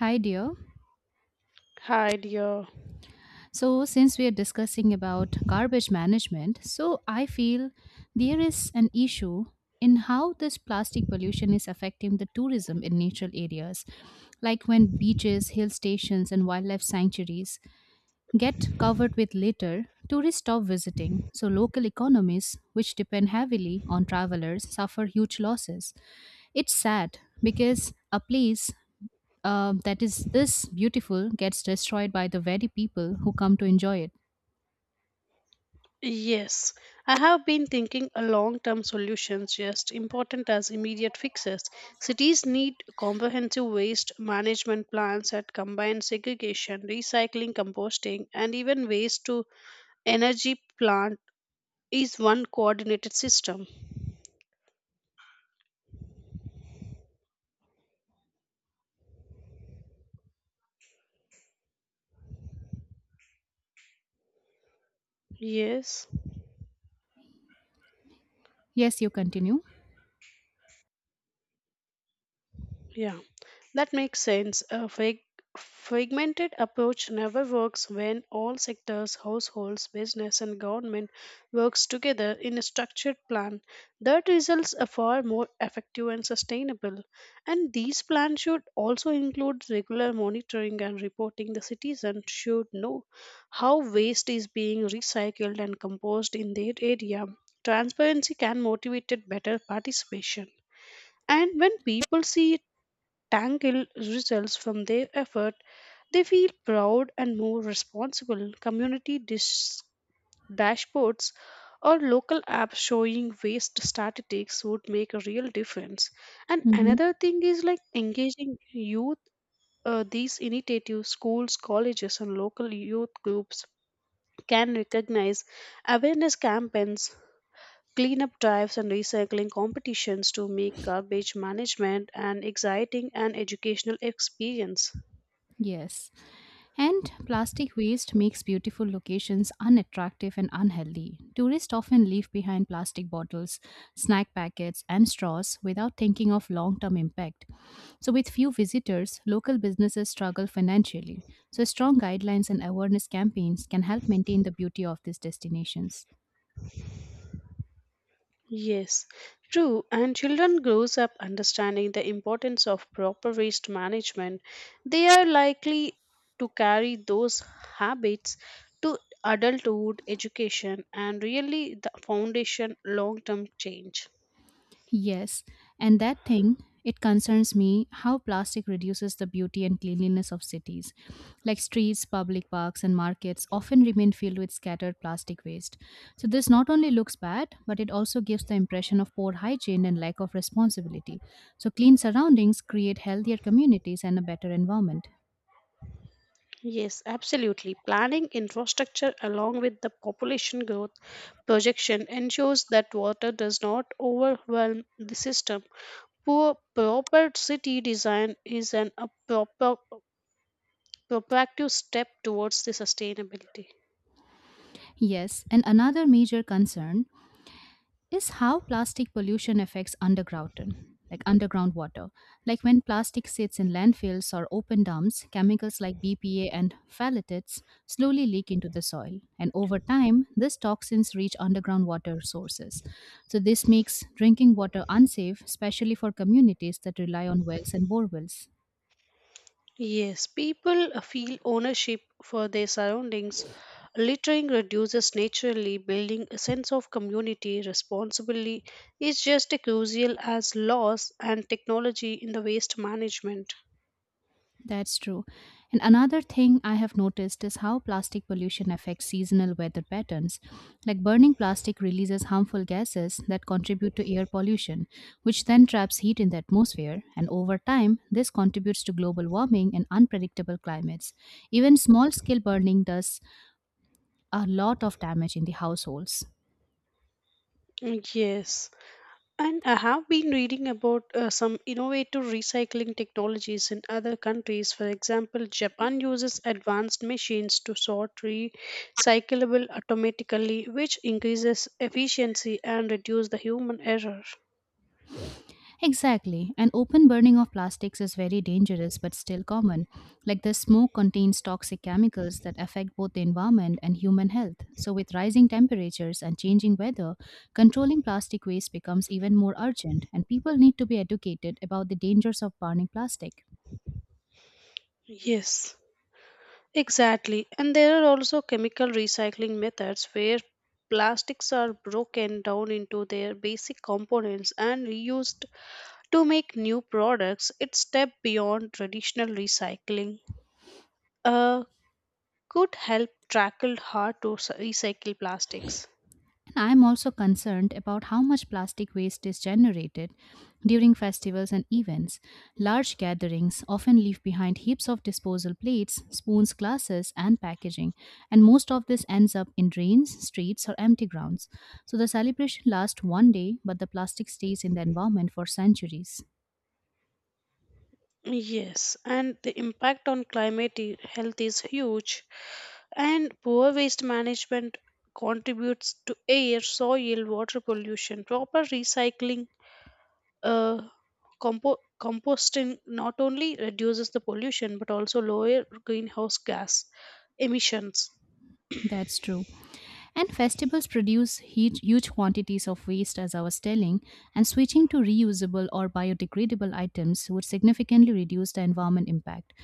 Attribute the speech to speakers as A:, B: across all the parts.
A: Hi, dear.
B: Hi, dear.
A: So, since we are discussing about garbage management, so I feel there is an issue in how this plastic pollution is affecting the tourism in natural areas, like when beaches, hill stations, and wildlife sanctuaries get covered with litter. Tourists stop visiting, so local economies, which depend heavily on travelers, suffer huge losses. It's sad because a place that is this beautiful gets destroyed by the very people who come to enjoy it.
B: Yes, I have been thinking a long-term solutions just important as immediate fixes. Cities need comprehensive waste management plans that combine segregation, recycling, composting, and even waste to energy plant is one coordinated system. Yes,
A: Yes, you continue.
B: yeah. That makes sense. A fragmented approach never works when all sectors, households, business, and government works together in a structured plan. That results are far more effective and sustainable. And these plans should also include regular monitoring and reporting. The citizen should know how waste is being recycled and composed in their area. Transparency can motivate better participation. And when people see tangible results from their effort, they feel proud and more responsible. Community dashboards or local apps showing waste statistics would make a real difference. And
A: Hmm.
B: another thing is like engaging youth. These initiatives, schools, colleges, and local youth groups can recognize awareness campaigns. Cleanup drives and recycling competitions to make garbage management an exciting and educational experience.
A: Yes. And plastic waste makes beautiful locations unattractive and unhealthy. Tourists often leave behind plastic bottles, snack packets, and straws without thinking of long term impact. So, with few visitors, local businesses struggle financially. So, strong guidelines and awareness campaigns can help maintain the beauty of these destinations.
B: Yes, true. And children grows up understanding the importance of proper waste management. They are likely to carry those habits to adulthood, education, and really the foundation long-term change.
A: Yes, and that thing, it concerns me how plastic reduces the beauty and cleanliness of cities. Like streets, public parks, and markets often remain filled with scattered plastic waste. So, this not only looks bad, but it also gives the impression of poor hygiene and lack of responsibility. So, clean surroundings create healthier communities and a better environment.
B: Yes, absolutely. Planning infrastructure along with the population growth projection ensures that water does not overwhelm the system. Poor proper city design is an a proper proactive step towards the sustainability.
A: Yes, and another major concern is how plastic pollution affects underground, like underground water. Like when plastic sits in landfills or open dumps, chemicals like bpa and phthalates slowly leak into the soil, and over time these toxins reach underground water sources. So this makes drinking water unsafe, especially for communities that rely on wells and borewells.
B: Yes, people feel ownership for their surroundings. Littering reduces naturally, building a sense of community responsibility is just as crucial as laws and technology in the waste management.
A: That's true. And another thing I have noticed is how plastic pollution affects seasonal weather patterns. Like burning plastic releases harmful gases that contribute to air pollution, which then traps heat in the atmosphere. And over time, this contributes to global warming and unpredictable climates. Even small scale burning does a lot of damage in the households.
B: Yes. And I have been reading about some innovative recycling technologies in other countries. For example, Japan uses advanced machines to sort recyclable automatically, which increases efficiency and reduces the human error.
A: Exactly. And open burning of plastics is very dangerous but still common. Like the smoke contains toxic chemicals that affect both the environment and human health. So, with rising temperatures and changing weather, controlling plastic waste becomes even more urgent, and people need to be educated about the dangers of burning plastic.
B: Yes, exactly. And there are also chemical recycling methods where plastics are broken down into their basic components and reused to make new products. It's step beyond traditional recycling. uh, could help tackle hard to recycle plastics.
A: I'm also concerned about how much plastic waste is generated during festivals and events. Large gatherings often leave behind heaps of disposal plates, spoons, glasses, and packaging, and most of this ends up in drains, streets, or empty grounds. So the celebration lasts one day, but the plastic stays in the environment for centuries.
B: Yes, and the impact on climate health is huge, and poor waste management contributes to air, soil, water pollution. Proper recycling, uh, compo- composting not only reduces the pollution but also lower greenhouse gas emissions.
A: That's true. And festivals produce huge, huge quantities of waste, as I was telling, and switching to reusable or biodegradable items would significantly reduce the environment impact.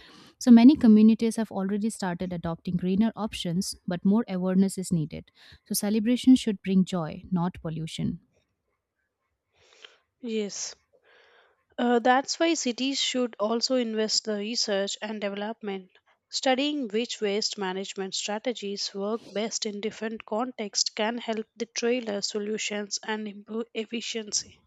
A: So many communities have already started adopting greener options, but more awareness is needed. So celebration should bring joy, not pollution.
B: Yes. That's why cities should also invest the research and development, studying which waste management strategies work best in different contexts can help the trailer solutions and improve efficiency.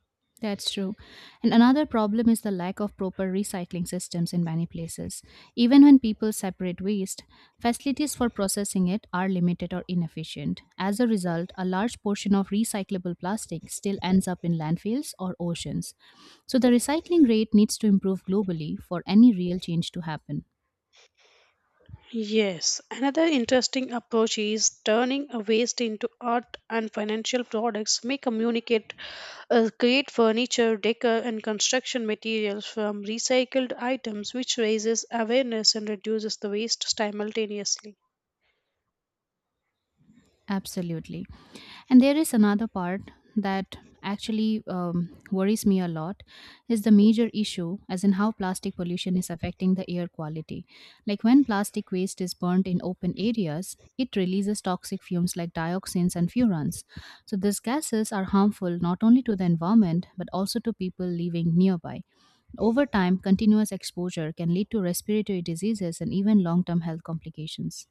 A: That's true. And another problem is the lack of proper recycling systems in many places. Even when people separate waste, facilities for processing it are limited or inefficient. As a result, a large portion of recyclable plastic still ends up in landfills or oceans. So the recycling rate needs to improve globally for any real change to happen.
B: Yes, another interesting approach is turning a waste into art and financial products may communicate create furniture, decor and construction materials from recycled items which raises awareness and reduces the waste simultaneously.
A: Absolutely. And there is another part that actually worries me a lot, is the major issue as in how plastic pollution is affecting the air quality. Like when plastic waste is burnt in open areas, it releases toxic fumes like dioxins and furans. So these gases are harmful not only to the environment but also to people living nearby. Over time, continuous exposure can lead to respiratory diseases and even long-term health complications.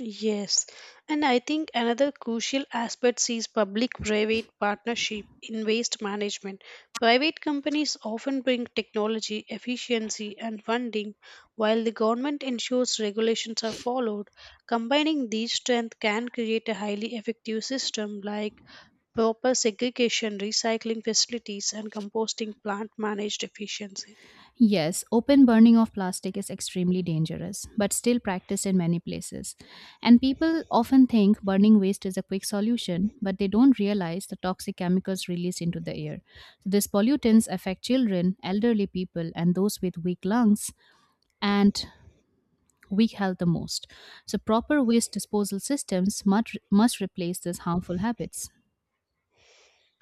B: Yes, and I think another crucial aspect is public private partnership in waste management. Private companies often bring technology, efficiency, and funding, while the government ensures regulations are followed. Combining these strengths can create a highly effective system like proper segregation, recycling facilities, and composting plant managed efficiency.
A: Yes, open burning of plastic is extremely dangerous, but still practiced in many places. And people often think burning waste is a quick solution, but they don't realize the toxic chemicals released into the air. So these pollutants affect children, elderly people, and those with weak lungs and weak health the most. So proper waste disposal systems must replace these harmful habits.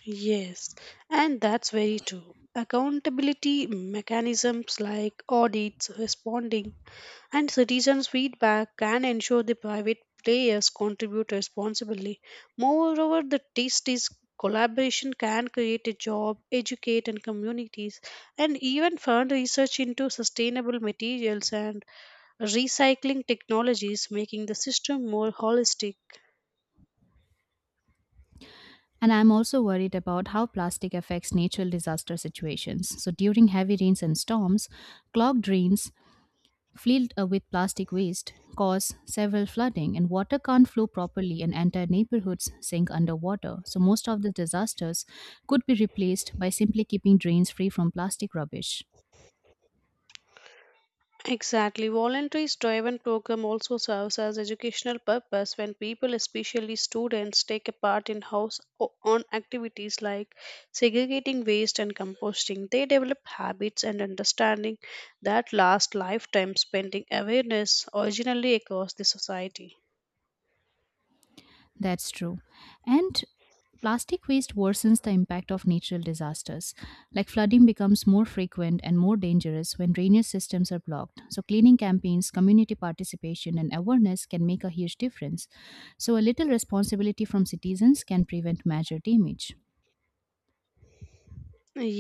B: Yes, and that's very true. Accountability mechanisms like audits, responding, and citizens' feedback can ensure the private players contribute responsibly. Moreover, the test is collaboration can create a job, educate and communities, and even fund research into sustainable materials and recycling technologies, making the system more holistic.
A: And I'm also worried about how plastic affects natural disaster situations. So, during heavy rains and storms, clogged drains filled with plastic waste cause several flooding, and water can't flow properly, and entire neighborhoods sink underwater. So, most of the disasters could be replaced by simply keeping drains free from plastic rubbish.
B: Exactly. Voluntary driven program also serves as educational purpose when people, especially students, take a part in house on activities like segregating waste and composting. They develop habits and understanding that last lifetime spending awareness originally across the society.
A: That's true. And plastic waste worsens the impact of natural disasters, like flooding becomes more frequent and more dangerous when drainage systems are blocked. So, cleaning campaigns, community participation, and awareness can make a huge difference. So, a little responsibility from citizens can prevent major damage.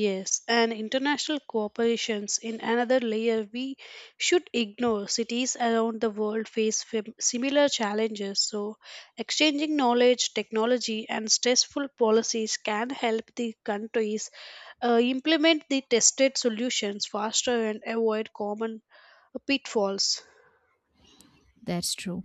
B: Yes, and international cooperations in another layer we should ignore. Cities around the world face similar challenges, so exchanging knowledge, technology, and stressful policies can help the countries implement the tested solutions faster and avoid common pitfalls.
A: That's true.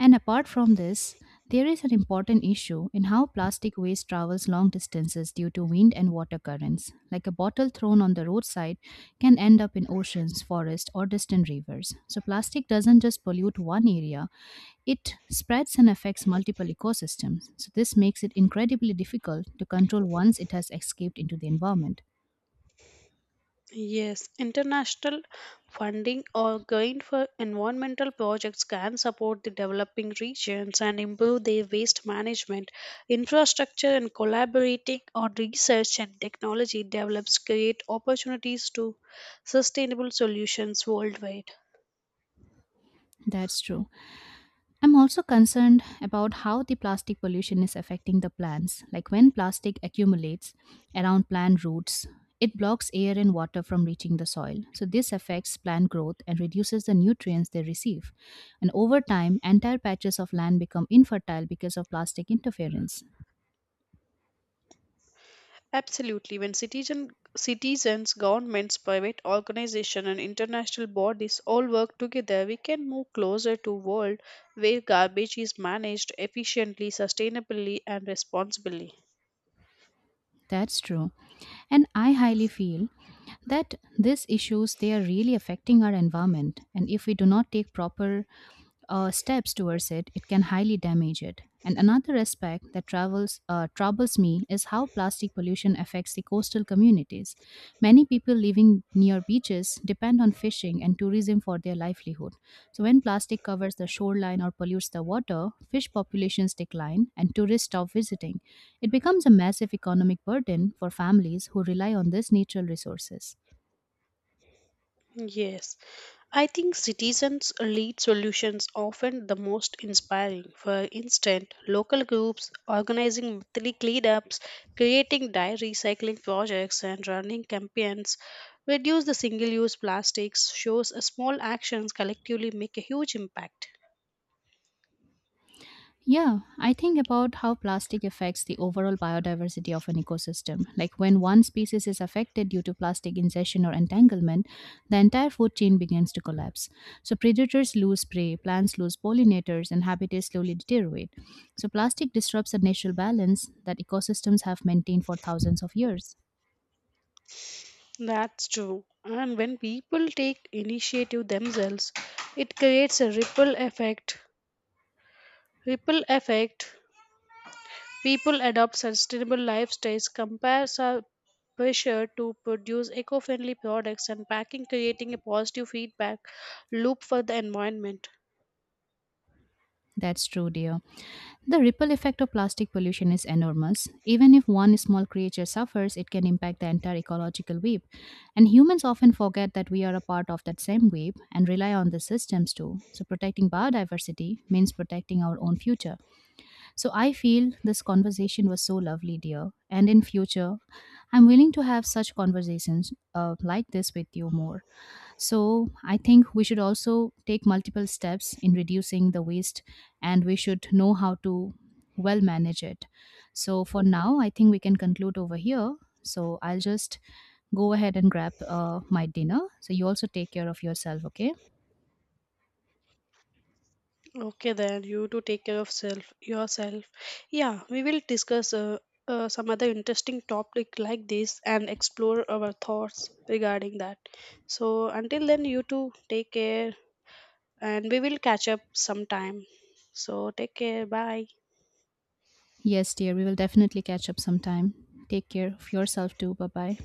A: And apart from this, there is an important issue in how plastic waste travels long distances due to wind and water currents. Like a bottle thrown on the roadside can end up in oceans, forests, or distant rivers. So, plastic doesn't just pollute one area, it spreads and affects multiple ecosystems. So, this makes it incredibly difficult to control once it has escaped into the environment.
B: Yes, international funding or gained for environmental projects can support the developing regions and improve their waste management, infrastructure, and collaborating on research and technology develops create opportunities to sustainable solutions worldwide.
A: That's true. I'm also concerned about how the plastic pollution is affecting the plants. Like when plastic accumulates around plant roots, it blocks air and water from reaching the soil. So, this affects plant growth and reduces the nutrients they receive. And over time, entire patches of land become infertile because of plastic interference.
B: Absolutely. When citizens, governments, private organizations, and international bodies all work together, we can move closer to a world where garbage is managed efficiently, sustainably, and responsibly.
A: That's true. And I highly feel that these issues, they are really affecting our environment. And if we do not take proper steps towards it, it can highly damage it. And another aspect that travels, troubles me is how plastic pollution affects the coastal communities. Many people living near beaches depend on fishing and tourism for their livelihood. So, when plastic covers the shoreline or pollutes the water, fish populations decline and tourists stop visiting. It becomes a massive economic burden for families who rely on these natural resources.
B: Yes, I think citizens lead solutions often the most inspiring. For instance, local groups organizing monthly cleanups, creating dye recycling projects, and running campaigns reduce the single-use plastics shows a small actions collectively make a huge impact.
A: Yeah, I think about how plastic affects the overall biodiversity of an ecosystem. Like when one species is affected due to plastic ingestion or entanglement, the entire food chain begins to collapse. So predators lose prey, plants lose pollinators, and habitats slowly deteriorate. So plastic disrupts the natural balance that ecosystems have maintained for thousands of years.
B: That's true. And when people take initiative themselves, it creates a ripple effect. Ripple effect. People adopt sustainable lifestyles, pressure to produce eco-friendly products and packing creating a positive feedback loop for the environment.
A: That's true, dear. The ripple effect of plastic pollution is enormous. Even if one small creature suffers, it can impact the entire ecological web. And humans often forget that we are a part of that same web and rely on the systems too. So, protecting biodiversity means protecting our own future. So, I feel this conversation was so lovely, dear. And in future, I'm willing to have such conversations like this with you more. So, I think we should also take multiple steps in reducing the waste, and we should know how to well manage it. So, for now, I think we can conclude over here. So, I'll just go ahead and grab my dinner. So, you also take care of yourself, okay?
B: Okay, then you to take care of self yourself. Yeah, we will discuss some other interesting topic like this and explore our thoughts regarding that. So until then, you too take care, and we will catch up sometime. So take care, bye.
A: Yes, dear, we will definitely catch up sometime. Take care of yourself too. Bye bye.